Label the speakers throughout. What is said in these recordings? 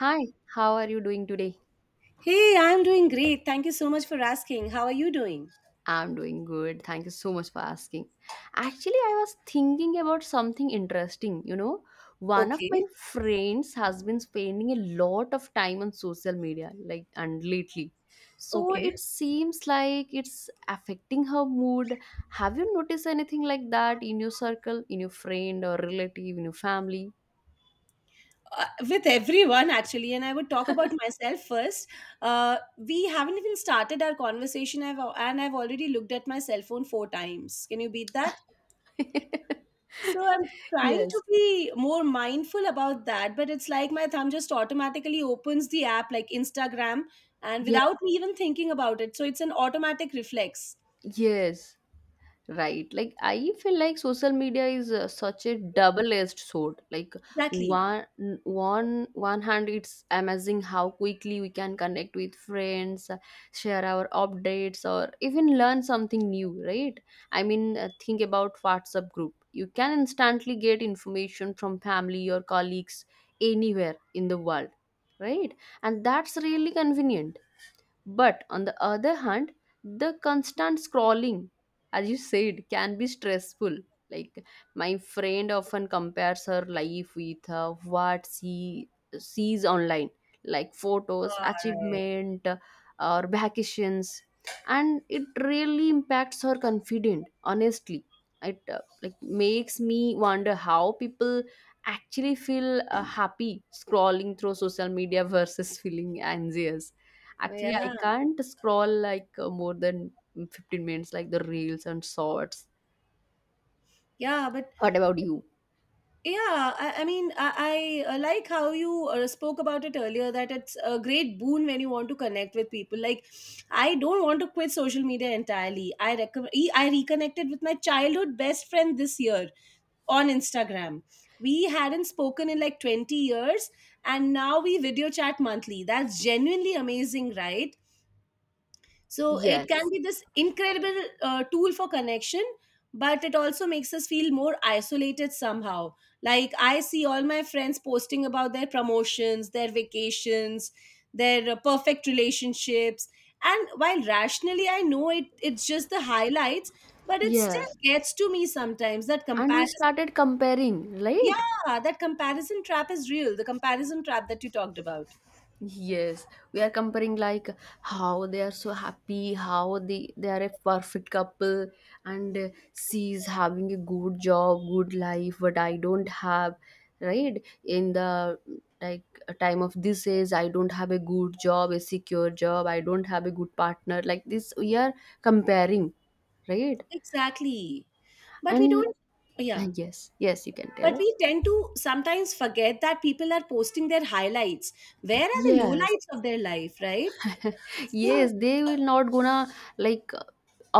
Speaker 1: Hi, how are you doing today?
Speaker 2: Hey, I'm doing great. Thank you so much for asking. How are you doing?
Speaker 1: I'm doing good. Thank you so much for asking. Actually, I was thinking about something interesting. You know, one of my
Speaker 2: Okay,
Speaker 1: friends has been spending a lot of time on social media, like, and lately. So
Speaker 2: okay.
Speaker 1: it seems like it's affecting her mood. Have you noticed anything like that in your circle, in your friend or relative, in your family?
Speaker 2: With everyone, actually, and I would talk about myself first. We haven't even started our conversation, I've, al- and I've already looked at my cell phone four times. Can you beat that? So I'm trying to
Speaker 1: Yes.
Speaker 2: be more mindful about that, but it's like my thumb just automatically opens the app like Instagram and
Speaker 1: Yeah.
Speaker 2: without me even thinking about it. So it's an automatic reflex.
Speaker 1: Yes. Right. Like I feel like social media is such a double-edged sword. Like
Speaker 2: Exactly.
Speaker 1: one one hand it's amazing how quickly we can connect with friends, share our updates or even learn something new, right? I mean, think about WhatsApp group. You can instantly get information from family or colleagues anywhere in the world, right? And that's really convenient, but on the other hand, the constant scrolling, as you said, can be stressful. Like my friend often compares her life with what she sees online, like photos,
Speaker 2: All right.
Speaker 1: achievement, or vacations, and it really impacts her confidence. Honestly, it like makes me wonder how people actually feel happy scrolling through social media versus feeling anxious. Actually, I
Speaker 2: Yeah.
Speaker 1: can't scroll like more than 15 minutes, like the reels and shorts.
Speaker 2: Yeah, but
Speaker 1: What about you?
Speaker 2: yeah, I mean, I like how you spoke about it earlier that it's a great boon when you want to connect with people. Like, I don't want to quit social media entirely. I reconnected with my childhood best friend this year on Instagram. We hadn't spoken in like 20 years, and now we video chat monthly. That's genuinely amazing, right? So it can
Speaker 1: Yes,
Speaker 2: be this incredible tool for connection, but it also makes us feel more isolated somehow. Like I see all my friends posting about their promotions, their vacations, their perfect relationships. And while rationally I know it, it's just the highlights, but it still
Speaker 1: yes.
Speaker 2: gets to me sometimes that
Speaker 1: And we
Speaker 2: comparison.
Speaker 1: started comparing,
Speaker 2: Yeah,
Speaker 1: right?
Speaker 2: that comparison trap is real. The comparison trap that you talked about.
Speaker 1: Yes, we are comparing like how they are so happy, how they are a perfect couple, and she is having a good job, good life, but I don't have, right? In the, like, time of this age, I don't have a good job, a secure job, I don't have a good partner. Like this, we are comparing, right?
Speaker 2: Exactly. But we
Speaker 1: And
Speaker 2: don't, yeah.
Speaker 1: yes, yes, you can
Speaker 2: But
Speaker 1: tell.
Speaker 2: we tend to sometimes forget that people are posting their highlights. Where are the
Speaker 1: Yes.
Speaker 2: lowlights of their life, right? So
Speaker 1: Yes, they will not gonna like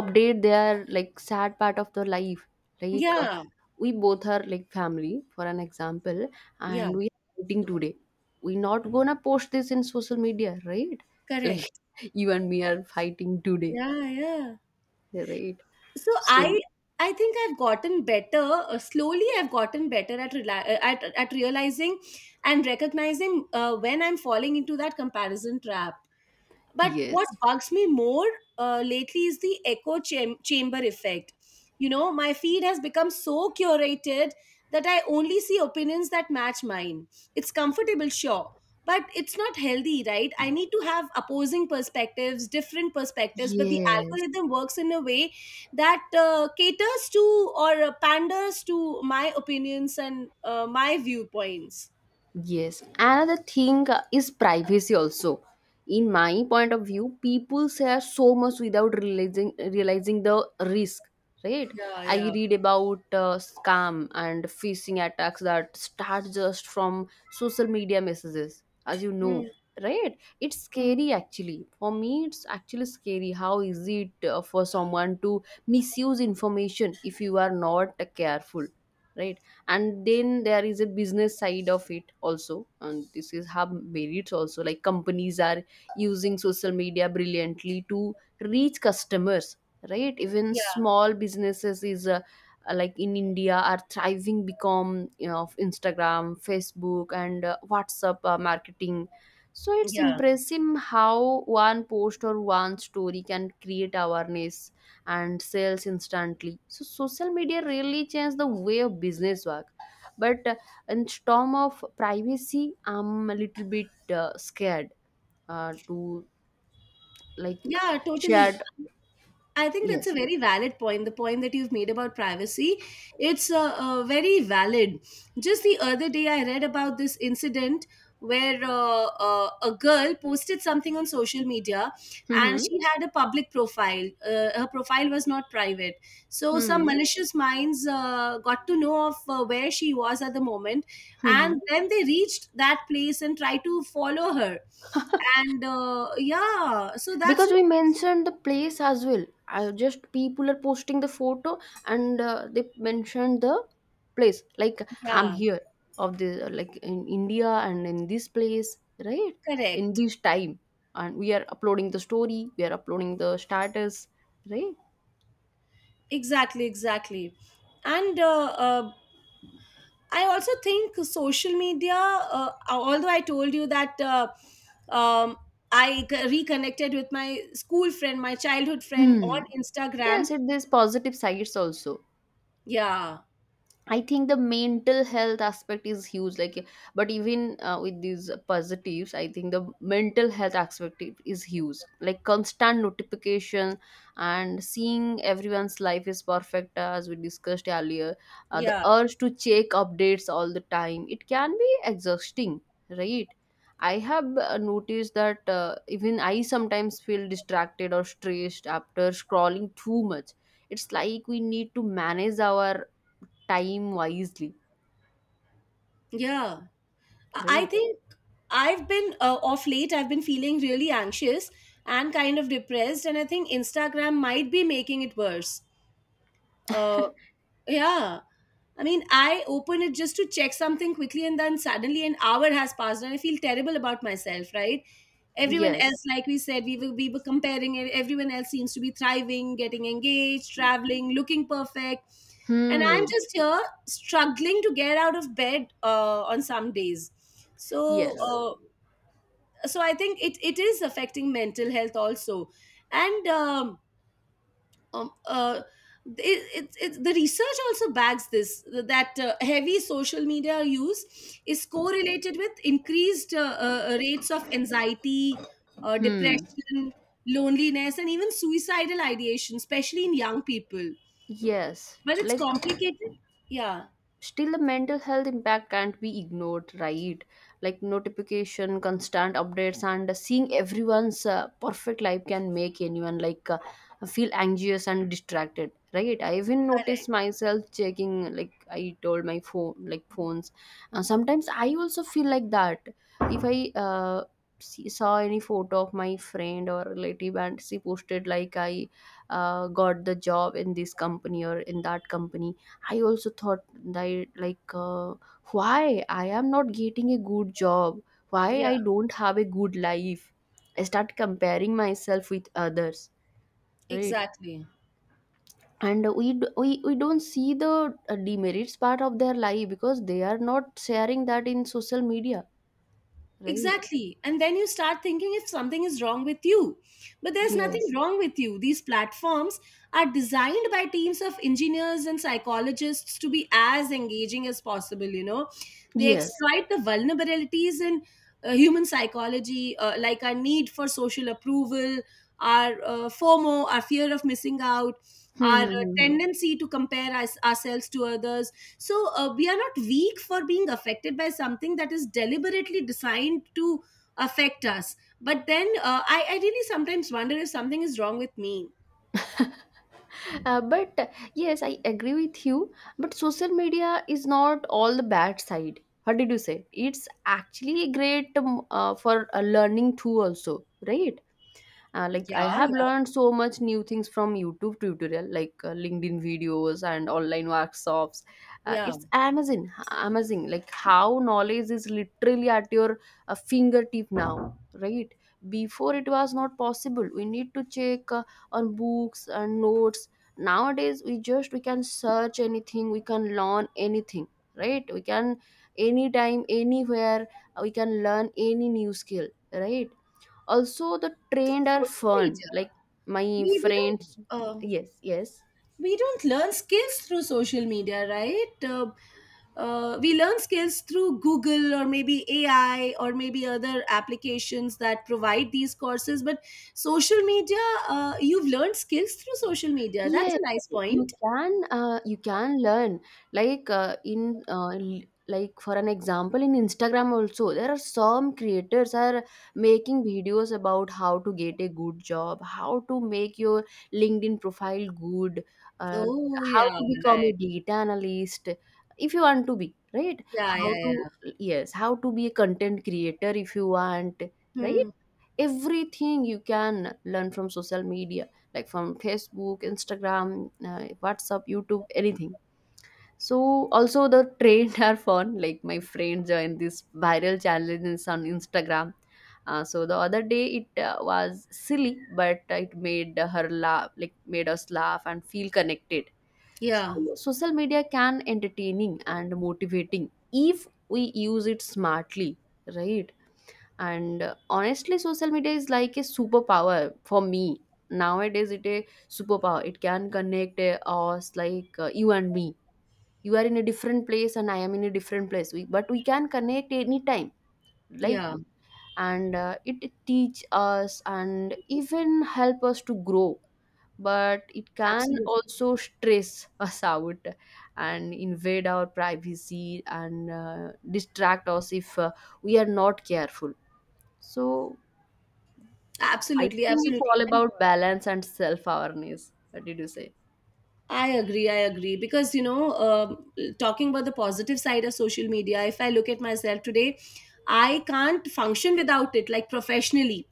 Speaker 1: update their like sad part of the life. Like
Speaker 2: yeah,
Speaker 1: we both are like family, for an example,
Speaker 2: yeah,
Speaker 1: and we are fighting today. We not gonna post this in social media, right? Like
Speaker 2: correct.
Speaker 1: you and me are fighting today,
Speaker 2: Yeah, yeah.
Speaker 1: right?
Speaker 2: So I
Speaker 1: So
Speaker 2: I think I've gotten better. Slowly, I've gotten better at realizing and recognizing when I'm falling into that comparison trap. But what
Speaker 1: yes,
Speaker 2: bugs me more lately is the echo chamber effect. You know, my feed has become so curated that I only see opinions that match mine. It's comfortable, sure, but it's not healthy, right? I need to have opposing perspectives, different perspectives, but the
Speaker 1: yes.
Speaker 2: algorithm works in a way that caters to or panders to my opinions and my viewpoints.
Speaker 1: Yes, another thing is privacy also. In my point of view, people share so much without realizing the risk, right?
Speaker 2: Yeah,
Speaker 1: I
Speaker 2: yeah.
Speaker 1: read about scam and phishing attacks that start just from social media messages, as you know,
Speaker 2: Mm,
Speaker 1: right? It's
Speaker 2: mm,
Speaker 1: scary actually. For me, it's actually scary. How is it for someone to misuse information if you are not careful, right? And then there is a business side of it also, and this is how merits also, like companies are using social media brilliantly to reach customers, right? Even
Speaker 2: yeah,
Speaker 1: small businesses is like in india are thriving become, you know, of instagram, facebook, and whatsapp marketing. So it's
Speaker 2: yeah.
Speaker 1: impressive how one post or one story can create awareness and sales instantly. So social media really changed the way of business work. But in storm of privacy, I'm a little bit scared to, like,
Speaker 2: Yeah, totally.
Speaker 1: shared.
Speaker 2: I think that's a
Speaker 1: Yes.
Speaker 2: very valid point. The point that you've made about privacy, it's very valid. Just the other day, I read about this incident where a girl posted something on social media, and
Speaker 1: Mm-hmm.
Speaker 2: she had a public profile. Her profile was not private, so some
Speaker 1: Hmm.
Speaker 2: malicious minds got to know of where she was at the moment,
Speaker 1: Hmm. Hmm.
Speaker 2: and then they reached that place and tried to follow her. And yeah, so that's
Speaker 1: Because we
Speaker 2: really,
Speaker 1: mentioned the place as well, I just people are posting the photo and they mentioned the place, like, I'm
Speaker 2: yeah,
Speaker 1: here of the like in india and in this place, right, in
Speaker 2: correct.
Speaker 1: this time, and we are uploading the story, we are uploading the status, right?
Speaker 2: Exactly, exactly. And I also think social media, although I told you that um, reconnected with my school friend, my childhood friend on
Speaker 1: Hmm.
Speaker 2: Instagram.
Speaker 1: Yes, it there's positive sides also.
Speaker 2: Yeah,
Speaker 1: I think the mental health aspect is huge. Like, but even with these positives, I think the mental health aspect is huge. Like constant notification and seeing everyone's life is perfect, as we discussed earlier. The
Speaker 2: yeah,
Speaker 1: urge to check updates all the time, it can be exhausting, right? I have noticed that even I sometimes feel distracted or stressed after scrolling too much. It's like we need to manage our time wisely,
Speaker 2: yeah. I
Speaker 1: right?
Speaker 2: think I've been off late, I've been feeling really anxious and kind of depressed. And I think Instagram might be making it worse. Uh, Yeah. I mean, I open it just to check something quickly, and then suddenly an hour has passed, and I feel terrible about myself, right? Everyone else,
Speaker 1: Yes.
Speaker 2: like we said, we were comparing it. Everyone else seems to be thriving, getting engaged, traveling, looking perfect. And I'm
Speaker 1: Hmm.
Speaker 2: just here struggling to get out of bed on some days. So,
Speaker 1: Yes.
Speaker 2: uh, so I think it is affecting mental health also. And um, uh, it's the research also bags this that heavy social media use is correlated with increased rates of anxiety,
Speaker 1: Hmm.
Speaker 2: depression, loneliness, and even suicidal ideation, especially in young people.
Speaker 1: Yes,
Speaker 2: But it's
Speaker 1: like
Speaker 2: complicated. Yeah,
Speaker 1: still the mental health impact can't be ignored, right? Like notification, constant updates, and seeing everyone's perfect life can make anyone like feel anxious and distracted, right? I even
Speaker 2: correct,
Speaker 1: noticed myself checking, like I told, my phone, like phones. Uh, sometimes I also feel like that, if I saw any photo of my friend or relative and she posted like I got the job in this company or in that company, I also thought that like why I am not getting a good job, why
Speaker 2: yeah,
Speaker 1: I don't have a good life. I start comparing myself with others, right?
Speaker 2: exactly.
Speaker 1: And we don't see the demerits part of their life because they are not sharing that in social media, right?
Speaker 2: Exactly. And then you start thinking if something is wrong with you. But there's nothing
Speaker 1: Yes.
Speaker 2: wrong with you. These platforms are designed by teams of engineers and psychologists to be as engaging as possible, you know. They
Speaker 1: Yes.
Speaker 2: exploit the vulnerabilities in human psychology, like our need for social approval, our FOMO, our fear of missing out,
Speaker 1: Hmm,
Speaker 2: our
Speaker 1: hmm, hmm,
Speaker 2: tendency to compare ourselves to others, so we are not weak for being affected by something that is deliberately designed to affect us. But then I really sometimes wonder if something is wrong with me.
Speaker 1: hmm. But yes, I agree with you. But social media is not all the bad side. What did you say? It's actually great for a learning too, also, right? Like I
Speaker 2: Yeah,
Speaker 1: have
Speaker 2: yeah,
Speaker 1: learned so much new things from youtube tutorial, like linkedin videos and online workshops. uh,
Speaker 2: yeah.
Speaker 1: it's amazing amazing like how knowledge is literally at your fingertip now, right? Before it was not possible, we need to check on books and notes. Nowadays we just we can search anything, we can learn anything, right? We can anytime anywhere we can learn any new skill, right? Also the
Speaker 2: Through
Speaker 1: trains are
Speaker 2: social
Speaker 1: fun,
Speaker 2: media,
Speaker 1: like my
Speaker 2: we don't
Speaker 1: friends
Speaker 2: uh,
Speaker 1: yes, yes.
Speaker 2: we don't learn skills through social media, right? We learn skills through Google or maybe AI or maybe other applications that provide these courses, but social media, you've learned skills through social media. That's
Speaker 1: Yeah,
Speaker 2: a nice point.
Speaker 1: you can learn like like for an example in Instagram also there are some creators are making videos about how to get a good job, how to make your LinkedIn profile good, uh,
Speaker 2: Oh,
Speaker 1: how
Speaker 2: yeah,
Speaker 1: to become a
Speaker 2: right.
Speaker 1: data analyst if you want to be, right?
Speaker 2: Yeah, yeah,
Speaker 1: How to,
Speaker 2: yeah.
Speaker 1: yes, how to be a content creator if you want, right?
Speaker 2: Hmm.
Speaker 1: Everything you can learn from social media, like from facebook, instagram, whatsapp, youtube, anything. So also the trends are fun, like my friend joined this viral challenges on instagram, so the other day it was silly but it made her laugh, like made us laugh and feel connected.
Speaker 2: Yeah,
Speaker 1: So social media can entertaining and motivating if we use it smartly, right? And honestly social media is like a superpower for me nowadays, it a superpower. It can connect us, like you and me, you are in a different place and I am in a different place, we, but we can connect anytime, like,
Speaker 2: yeah.
Speaker 1: and it it teach us and even help us to grow, but it can
Speaker 2: Absolutely.
Speaker 1: also stress us out and invade our privacy and distract us if we are not careful. So I
Speaker 2: Absolutely,
Speaker 1: think it's
Speaker 2: absolutely.
Speaker 1: all
Speaker 2: And
Speaker 1: about balance and self awareness. What did you say?
Speaker 2: I agree. I agree because you know, talking about the positive side of social media. If I look at myself today, I can't function without it. Like professionally,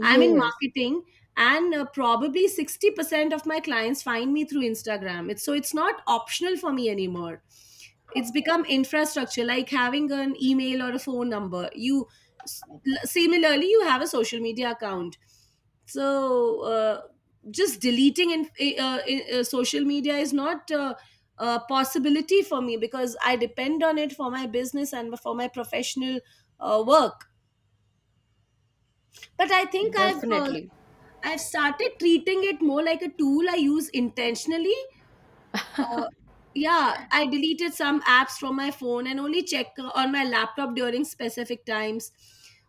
Speaker 2: I'm in marketing, and probably 60% of my clients find me through Instagram. It's so it's not optional for me anymore. It's become infrastructure, like having an email or a phone number. S- Similarly, you have a social media account, so just deleting in, eh, in, social media is not a possibility for me because I depend on it for my business and for my professional work. But I think
Speaker 1: definitely.
Speaker 2: I've started treating it more like a tool I use intentionally. Uh, yeah, I deleted some apps from my phone and only check on my laptop during specific times.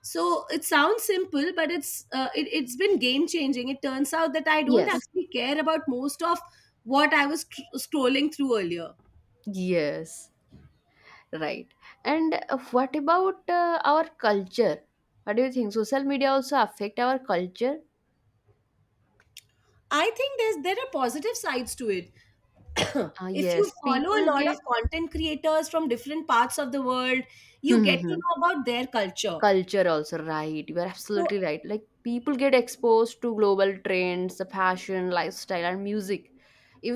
Speaker 2: So it sounds simple, but it's been game changing. It turns out that I don't
Speaker 1: Yes,
Speaker 2: actually care about most of what I was scrolling through earlier.
Speaker 1: yes, right. And what about our culture? What do you think? Social media also affect our culture?
Speaker 2: I think there are positive sides to it.
Speaker 1: Ah,
Speaker 2: If you
Speaker 1: yes,
Speaker 2: follow a
Speaker 1: people
Speaker 2: lot of
Speaker 1: get.
Speaker 2: content creators from different parts of the world, you get to know about their culture.
Speaker 1: Culture also, right? You are
Speaker 2: So
Speaker 1: absolutely right. Like people get exposed to global trends, the fashion, lifestyle, and music.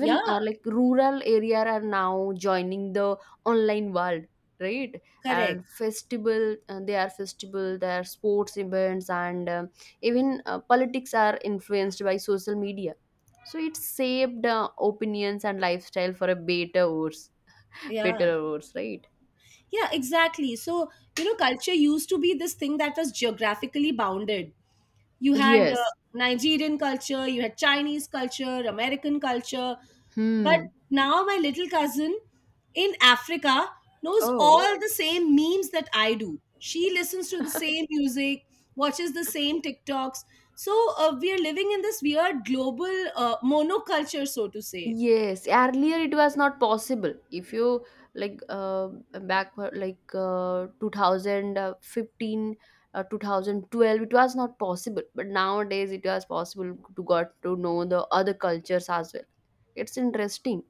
Speaker 2: yeah,
Speaker 1: like rural area are now joining the online world, right?
Speaker 2: correct.
Speaker 1: And festival, they are festival, there are sports events, and even politics are influenced by social media. So it shaped opinions and lifestyle for a better worse,
Speaker 2: Yeah.
Speaker 1: better or worse, right?
Speaker 2: Yeah, exactly. So, you know, culture used to be this thing that was geographically bounded. You had
Speaker 1: Yes.
Speaker 2: Nigerian culture, you had Chinese culture, American culture. But
Speaker 1: Hmm.
Speaker 2: now my little cousin in Africa knows
Speaker 1: Oh.
Speaker 2: all the same memes that I do. She listens to the same music, watches the same TikToks. So, we are living in this weird global monoculture, so to say.
Speaker 1: Yes, earlier it was not possible. If you, like back for, like 2015, 2012, it was not possible. But nowadays it was possible to got to know the other cultures as well. It's interesting.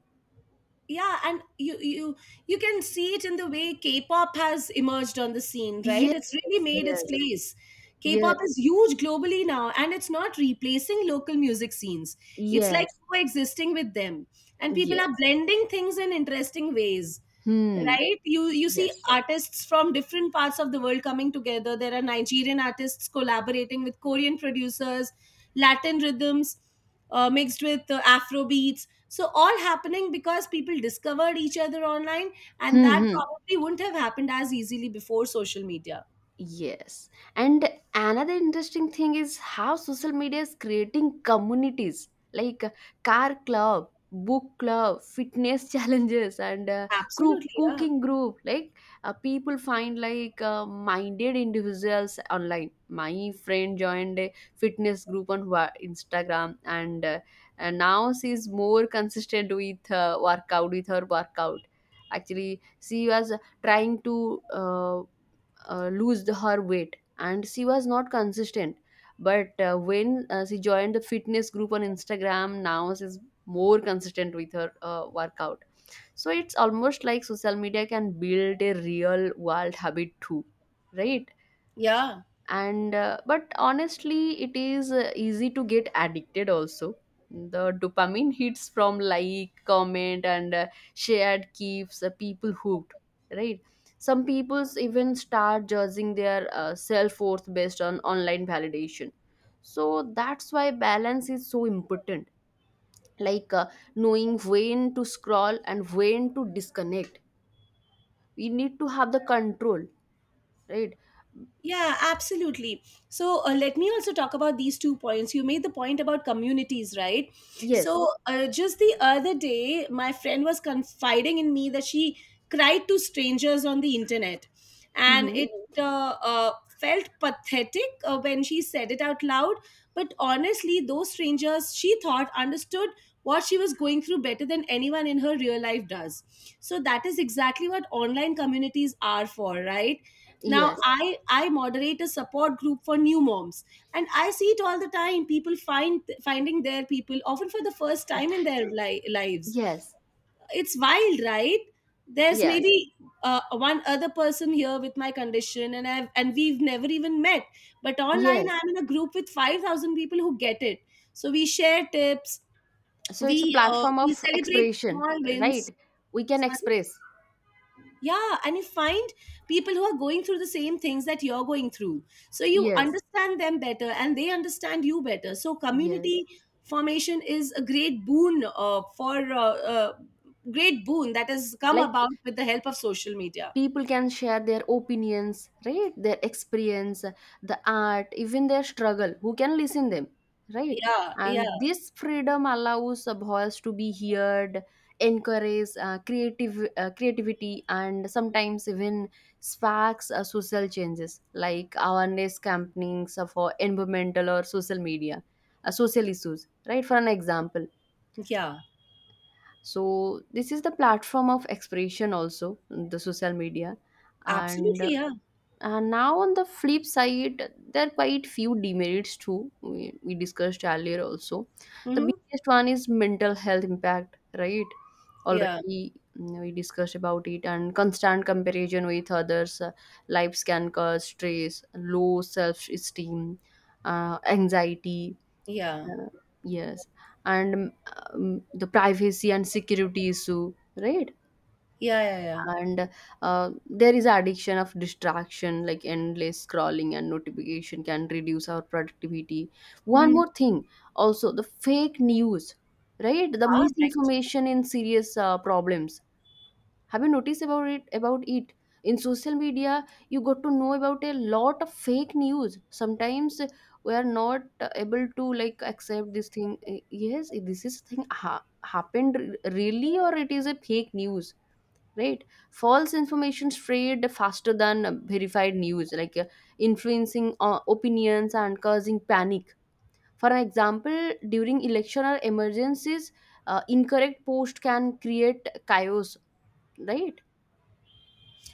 Speaker 2: Yeah, and you can see it in the way K-pop has emerged on the scene, right?
Speaker 1: Yes,
Speaker 2: It's really made its
Speaker 1: yes,
Speaker 2: place.
Speaker 1: yes,
Speaker 2: K-pop is huge globally now, and it's not replacing local music scenes. It's like
Speaker 1: yes,
Speaker 2: coexisting with them, and people are
Speaker 1: yes.
Speaker 2: blending things in interesting ways.
Speaker 1: Hmm.
Speaker 2: Right, you see
Speaker 1: Yes.
Speaker 2: artists from different parts of the world coming together. There are Nigerian artists collaborating with Korean producers, Latin rhythms mixed with Afro beats, so all happening because people discovered each other online, and
Speaker 1: Hmm.
Speaker 2: that
Speaker 1: Hmm.
Speaker 2: probably wouldn't have happened as easily before social media.
Speaker 1: Yes. And another interesting thing is how social media is creating communities, like car club, book club, fitness challenges, and crew
Speaker 2: Absolutely, yeah,
Speaker 1: cooking group. Like people find like minded individuals online. My friend joined a fitness group on Instagram, and and now she's more consistent with workout with her workout. Actually, she was trying to. Lose her weight and she was not consistent, but when she joined the fitness group on instagram, now she's more consistent with her workout. So it's almost like social media can build a real world habit too, right?
Speaker 2: yeah.
Speaker 1: And but honestly it is easy to get addicted also. The dopamine hits from like comment and shared keeps people hooked, right? Some people even start judging their self worth based on online validation. So that's why balance is so important, like knowing when to scroll and when to disconnect. We need to have the control, right?
Speaker 2: Yeah, absolutely. So let me also talk about these two points. You made the point about communities, right?
Speaker 1: Yes.
Speaker 2: So just the other day, my friend was confiding in me that she cried to strangers on the internet, and
Speaker 1: Hmm.
Speaker 2: it uh, uh, felt pathetic when she said it out loud. But honestly, those strangers she thought understood what she was going through better than anyone in her real life does. So that is exactly what online communities are for, right? Now
Speaker 1: Yes.
Speaker 2: I moderate a support group for new moms, and I see it all the time, people finding their people often for the first time in their lives.
Speaker 1: Yes.
Speaker 2: It's wild, right? There's
Speaker 1: Yes,
Speaker 2: maybe one other person here with my condition, and I've and we've never even met, but online
Speaker 1: yes.
Speaker 2: I'm in a group with 5,000 people who get it. So we share tips,
Speaker 1: So it's a platform
Speaker 2: we
Speaker 1: of
Speaker 2: celebrate
Speaker 1: expression,
Speaker 2: small wins.
Speaker 1: right? We can
Speaker 2: Sorry?
Speaker 1: express.
Speaker 2: Yeah, and you find people who are going through the same things that you're going through. So you
Speaker 1: Yes,
Speaker 2: understand them better and they understand you better. So
Speaker 1: yes.
Speaker 2: community formation is a great boon for great boon that has come
Speaker 1: Like
Speaker 2: about with the help of social media.
Speaker 1: people can share their opinions, right? Their experience, the art, even their struggle. Who can listen them, right?
Speaker 2: Yeah, yeah,
Speaker 1: And this freedom allows a voice to be heard, encourage creative creativity and sometimes even sparks social changes like awareness campaigns for environmental or social media social issues, right? For an example.
Speaker 2: yeah.
Speaker 1: So this is the platform of expression, also the social media. and
Speaker 2: Absolutely, yeah.
Speaker 1: and now on the flip side, there are quite few demerits too. We discussed earlier also. The
Speaker 2: Mm-hmm.
Speaker 1: biggest one is mental health impact, right?
Speaker 2: Yeah,
Speaker 1: Already we discussed about it, and constant comparison with others, lives can cause stress, low self-esteem, anxiety.
Speaker 2: yeah,
Speaker 1: Uh, yes, and the privacy and security issue, right?
Speaker 2: yeah, yeah, yeah.
Speaker 1: And there is addiction of distraction, like endless scrolling and notification can reduce our productivity. One
Speaker 2: Mm,
Speaker 1: more thing, also the fake news, right? The
Speaker 2: ah, right.
Speaker 1: misinformation in serious problems. Have you noticed about it in social media? You got to know about a lot of fake news sometimes. We are not able to like accept this thing. Eh, yes, this is thing happened really, or it is a fake news, right? False information spread faster than verified news, like influencing opinions and causing panic. For an example, during election or emergencies, incorrect post can create chaos, right?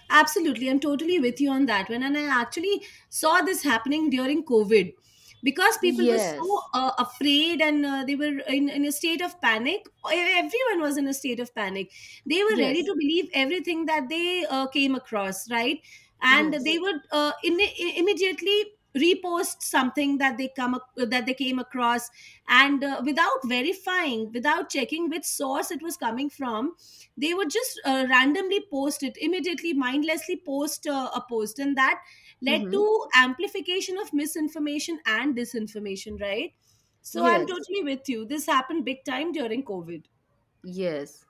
Speaker 2: Absolutely, I'm totally with you on that one. And I actually saw this happening during COVID because people were so
Speaker 1: Yes,
Speaker 2: afraid and they were in a state of panic. E- Everyone was in a state of panic. They were ready
Speaker 1: yes,
Speaker 2: to believe everything that they came across, right? And
Speaker 1: yes.
Speaker 2: they would immediately repost something that that they came across, and without verifying, without checking which source it was coming from. They would just randomly post it immediately, mindlessly post a post, and that led
Speaker 1: Mm-hmm.
Speaker 2: to amplification of misinformation and disinformation, right? So I'm
Speaker 1: Yes,
Speaker 2: totally with you, this happened big time during COVID.
Speaker 1: yes,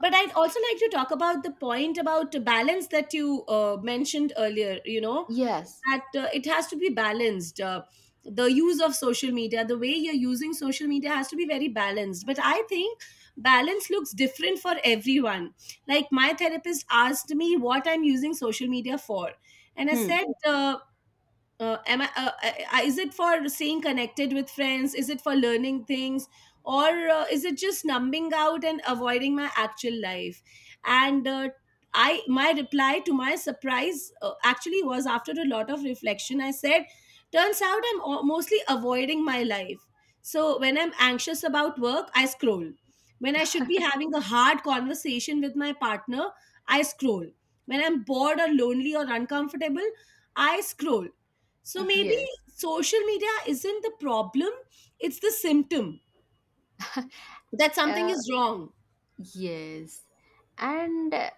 Speaker 2: But I'd also like to talk about the point about balance that you mentioned earlier, you know,
Speaker 1: yes.
Speaker 2: that it has to be balanced. The use of social media, the way you're using social media has to be very balanced. But I think balance looks different for everyone. Like, my therapist asked me what I'm using social media for. And I
Speaker 1: Hmm.
Speaker 2: said, am I, is it for staying connected with friends, is it for learning things, or is it just numbing out and avoiding my actual life? And I my reply, to my surprise, actually was, after a lot of reflection, I said turns out I'm mostly avoiding my life. So when I'm anxious about work, I scroll. When I should be having a hard conversation with my partner, I scroll. When I'm bored or lonely or uncomfortable, I scroll. So maybe
Speaker 1: Yes,
Speaker 2: social media isn't the problem, it's the symptom that something
Speaker 1: uh,
Speaker 2: is wrong.
Speaker 1: yes. And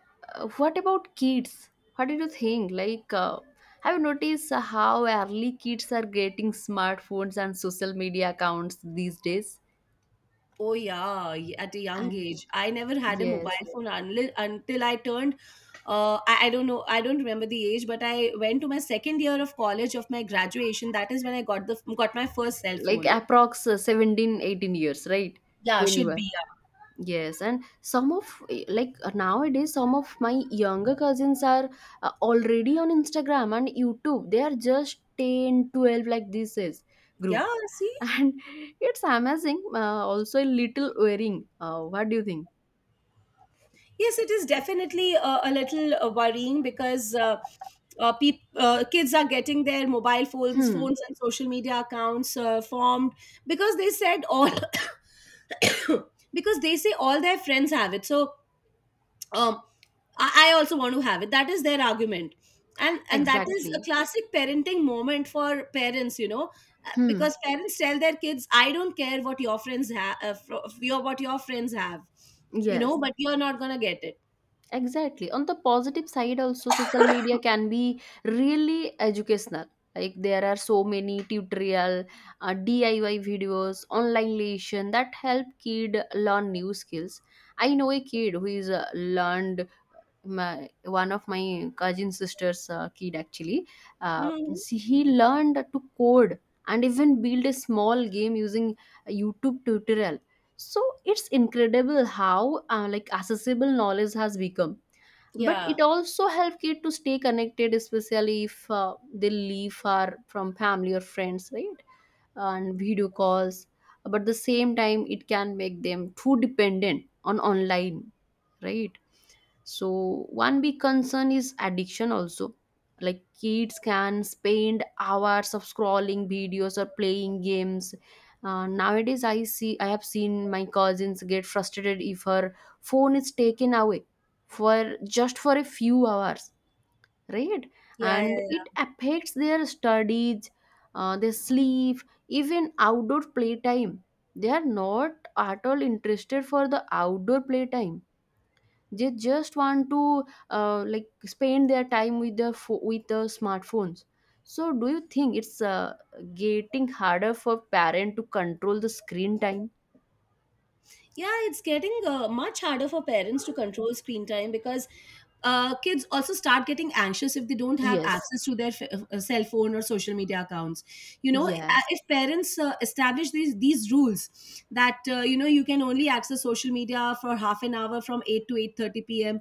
Speaker 1: what about kids? What did you think? Like, have you noticed how early kids are getting smartphones and social media accounts these days?
Speaker 2: Oh, yeah, at a young
Speaker 1: And
Speaker 2: age, I never had a
Speaker 1: yes,
Speaker 2: mobile phone unli until I turned. I don't know, I don't remember the age, but I went to my second year of college, of my graduation. That is when I got the got my first cell
Speaker 1: like
Speaker 2: phone.
Speaker 1: approx 17, 18 years, right?
Speaker 2: Yeah,
Speaker 1: When you
Speaker 2: should
Speaker 1: were.
Speaker 2: be.
Speaker 1: Yes, and some of like nowadays, some of my younger cousins are already on Instagram and YouTube. They are just 10, 12, like this is
Speaker 2: Yeah,
Speaker 1: group,
Speaker 2: yeah, see?
Speaker 1: and it's amazing. Also, a little worrying. What do you think?
Speaker 2: Yes, it is definitely a little worrying because kids are getting their mobile phones,
Speaker 1: Hmm,
Speaker 2: phones and social media accounts formed because they said all because they say all their friends have it. So um, I also want to have it. That is their argument, and that is a
Speaker 1: exactly.
Speaker 2: classic parenting moment for parents. You know,
Speaker 1: Hmm,
Speaker 2: because parents tell their kids, "I don't care what your friends have, fro- your what your friends have, you know,
Speaker 1: yes.
Speaker 2: but you're not gonna get it."
Speaker 1: Exactly. On the positive side, also social media can be really educational. Like, there are so many tutorial, DIY videos, online lesson that help kid learn new skills. I know a kid who is learned my, one of my cousin sister's kid actually.
Speaker 2: Mhm.
Speaker 1: See, he learned to code and even build a small game using a YouTube tutorial. So it's incredible how like accessible knowledge has become. But
Speaker 2: Yeah.
Speaker 1: it also helps kids to stay connected, especially if they leave far from family or friends, right? And video calls. But at the same time, it can make them too dependent on online, right? So one big concern is addiction also. Like kids can spend hours of scrolling videos or playing games. Nowadays, I have seen my cousins get frustrated if her phone is taken away for just for a few hours, right?
Speaker 2: Yeah, yeah,
Speaker 1: And it
Speaker 2: yeah.
Speaker 1: affects their studies, their sleep, even outdoor playtime. They are not at all interested for the outdoor playtime. They just want to like spend their time with the with the smartphones. So do you think it's getting harder for parent to control the screen time?
Speaker 2: Yeah, it's getting much harder for parents to control screen time because kids also start getting anxious if they don't have
Speaker 1: Yes,
Speaker 2: access to their cell phone or social media accounts. You know,
Speaker 1: yes,
Speaker 2: if parents establish these rules that you know, you can only access social media for half an hour from 8 to 8:30 p.m.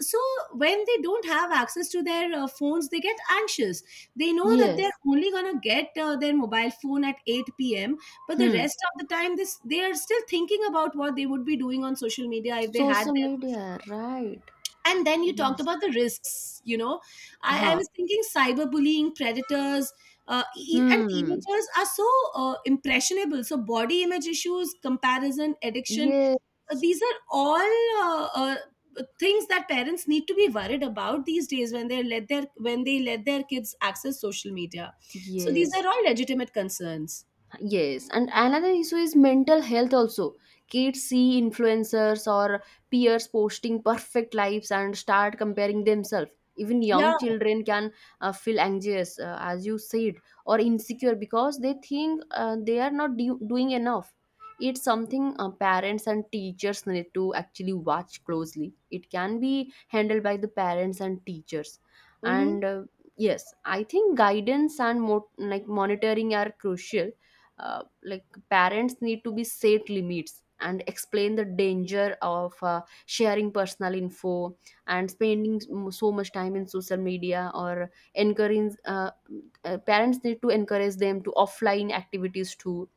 Speaker 2: So when they don't have access to their phones, they get anxious. They know that they're
Speaker 1: yes.
Speaker 2: only going to get their mobile phone at 8 p.m, but the
Speaker 1: Hmm.
Speaker 2: rest of the time this they are still thinking about what they would be doing on social media if they had
Speaker 1: Social
Speaker 2: their.
Speaker 1: media, right?
Speaker 2: And then you talked
Speaker 1: Yes.
Speaker 2: about the risks, you know, I
Speaker 1: Huh.
Speaker 2: was thinking cyberbullying, predators, and
Speaker 1: Hmm.
Speaker 2: teenagers are so impressionable, so body image issues, comparison, addiction,
Speaker 1: Yes,
Speaker 2: these are all uh, uh, things that parents need to be worried about these days when they let their when they let their kids access social media. So these
Speaker 1: yes.
Speaker 2: are all legitimate concerns.
Speaker 1: Yes, and another issue is mental health also. Kids see influencers or peers posting perfect lives and start comparing themselves. Even
Speaker 2: Yeah.
Speaker 1: young children can feel anxious, as you said, or insecure because they think they are not doing enough. It's something parents and teachers need to actually watch closely. It can be handled by the parents and teachers.
Speaker 2: Mm-hmm.
Speaker 1: And yes, I think guidance and like monitoring are crucial. Like parents need to be set limits and explain the danger of sharing personal info and spending so much time in social media. Or encourage parents need to encourage them to offline activities too.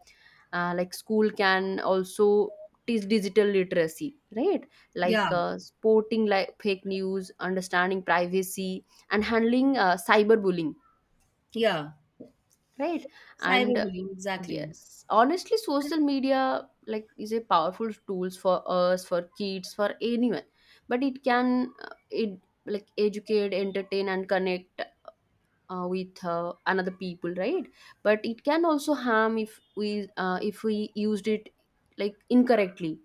Speaker 1: Like school can also teach digital literacy, right?
Speaker 2: Yeah.
Speaker 1: Like sporting, like fake news, understanding privacy, and handling cyberbullying,
Speaker 2: Yeah.
Speaker 1: right? And
Speaker 2: Cyberbullying, exactly.
Speaker 1: yes. Honestly, social media like is a powerful tools for us, for kids, for anyone. But it can it like educate, entertain, and connect with another people, right? But it can also harm if we used it like incorrectly,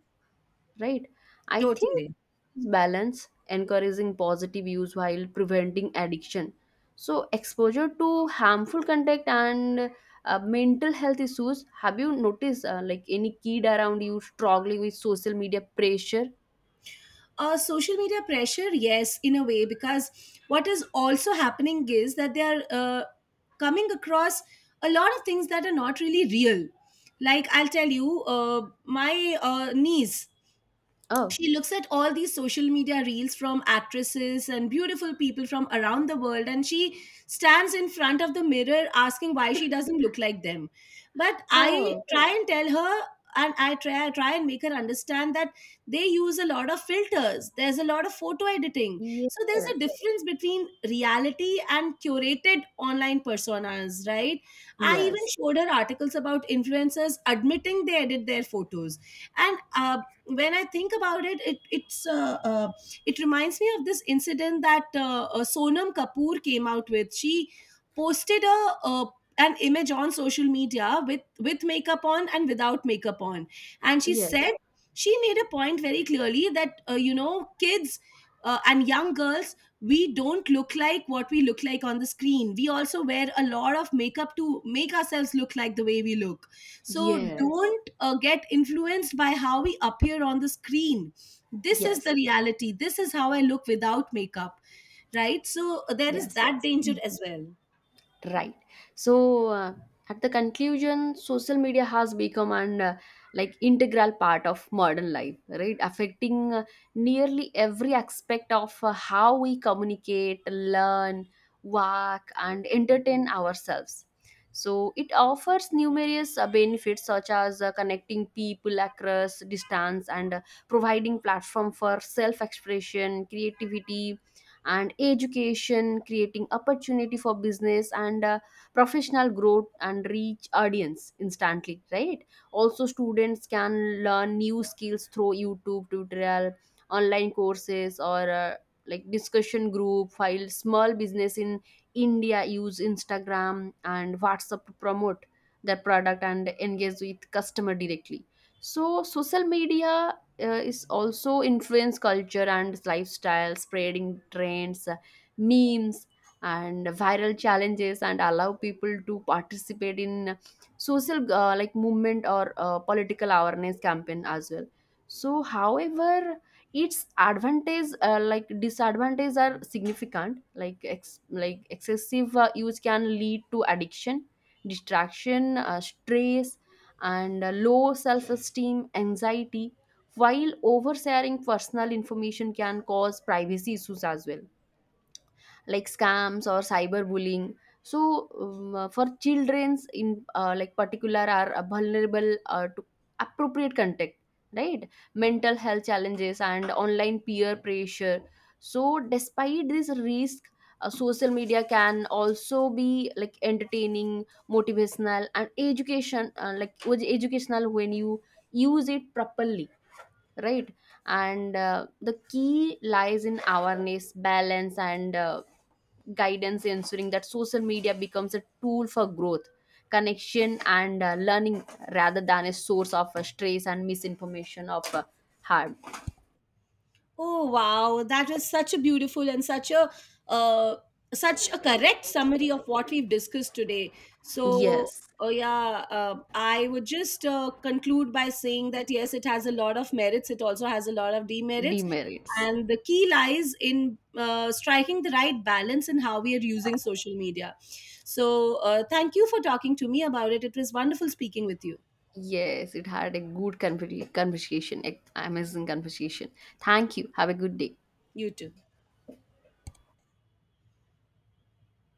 Speaker 1: right? I think
Speaker 2: Totally.
Speaker 1: balance, encouraging positive use while preventing addiction. So, exposure to harmful contact and mental health issues. Have you noticed like any kid around you struggling with social media pressure?
Speaker 2: Social media pressure, yes, in a way, because what is also happening is that they are coming across a lot of things that are not really real. Like, I'll tell you, my niece,
Speaker 1: Oh,
Speaker 2: she looks at all these social media reels from actresses and beautiful people from around the world, and she stands in front of the mirror asking why she doesn't look like them. But I
Speaker 1: oh,
Speaker 2: try and tell her, and I try and make her understand that they use a lot of filters, there's a lot of photo editing,
Speaker 1: yes,
Speaker 2: so there's a difference between reality and curated online personas, right? I even
Speaker 1: yes,
Speaker 2: showed her articles about influencers admitting they edit their photos. And when I think about it, it's it reminds me of this incident that Sonam Kapoor came out with. She posted a an image on social media with makeup on and without makeup on, and she said,
Speaker 1: yes,
Speaker 2: she made a point very clearly that you know, kids and young girls, we don't look like what we look like on the screen. We also wear a lot of makeup to make ourselves look like the way we look. So
Speaker 1: yes,
Speaker 2: don't get influenced by how we appear on the screen. This is the
Speaker 1: yes,
Speaker 2: reality. This is how I look without makeup, right? So there is
Speaker 1: yes.
Speaker 2: that danger as well.
Speaker 1: Right, so at the conclusion, social media has become an like integral part of modern life, right? Affecting nearly every aspect of how we communicate, learn, work, and entertain ourselves. So it offers numerous benefits such as connecting people across distance, and providing platform for self expression, creativity, and education, creating opportunity for business and professional growth, and reach audience instantly, right? Also, students can learn new skills through YouTube tutorial, online courses, or like discussion group file. Small business in India use Instagram and WhatsApp to promote their product and engage with customer directly. So social media is also influence culture and lifestyle, spreading trends, memes, and viral challenges, and allow people to participate in social like movement or political awareness campaign as well. So, however, its advantage, like disadvantages, are significant. Like excessive use can lead to addiction, distraction, stress, and low self-esteem, anxiety, while oversharing personal information can cause privacy issues as well, like scams or cyberbullying. So for children's in like particular are vulnerable to appropriate contact, right? Mental health challenges and online peer pressure. So despite this risk, social media can also be like entertaining, motivational, and education, like was educational when you use it properly, right? And the key lies in awareness, balance, and guidance, ensuring that social media becomes a tool for growth, connection, and learning, rather than a source of stress and misinformation of harm.
Speaker 2: Oh, wow, that is such a beautiful and such a uh, such a correct summary of what we've discussed today. So,
Speaker 1: Yes,
Speaker 2: oh yeah, I would just conclude by saying that yes, it has a lot of merits. It also has a lot of demerits,
Speaker 1: demerits.
Speaker 2: and the key lies in striking the right balance in how we are using social media. So, thank you for talking to me about it. It was wonderful speaking with you.
Speaker 1: Yes, it had a good conversation, amazing conversation. Thank you, have a good day.
Speaker 2: You too.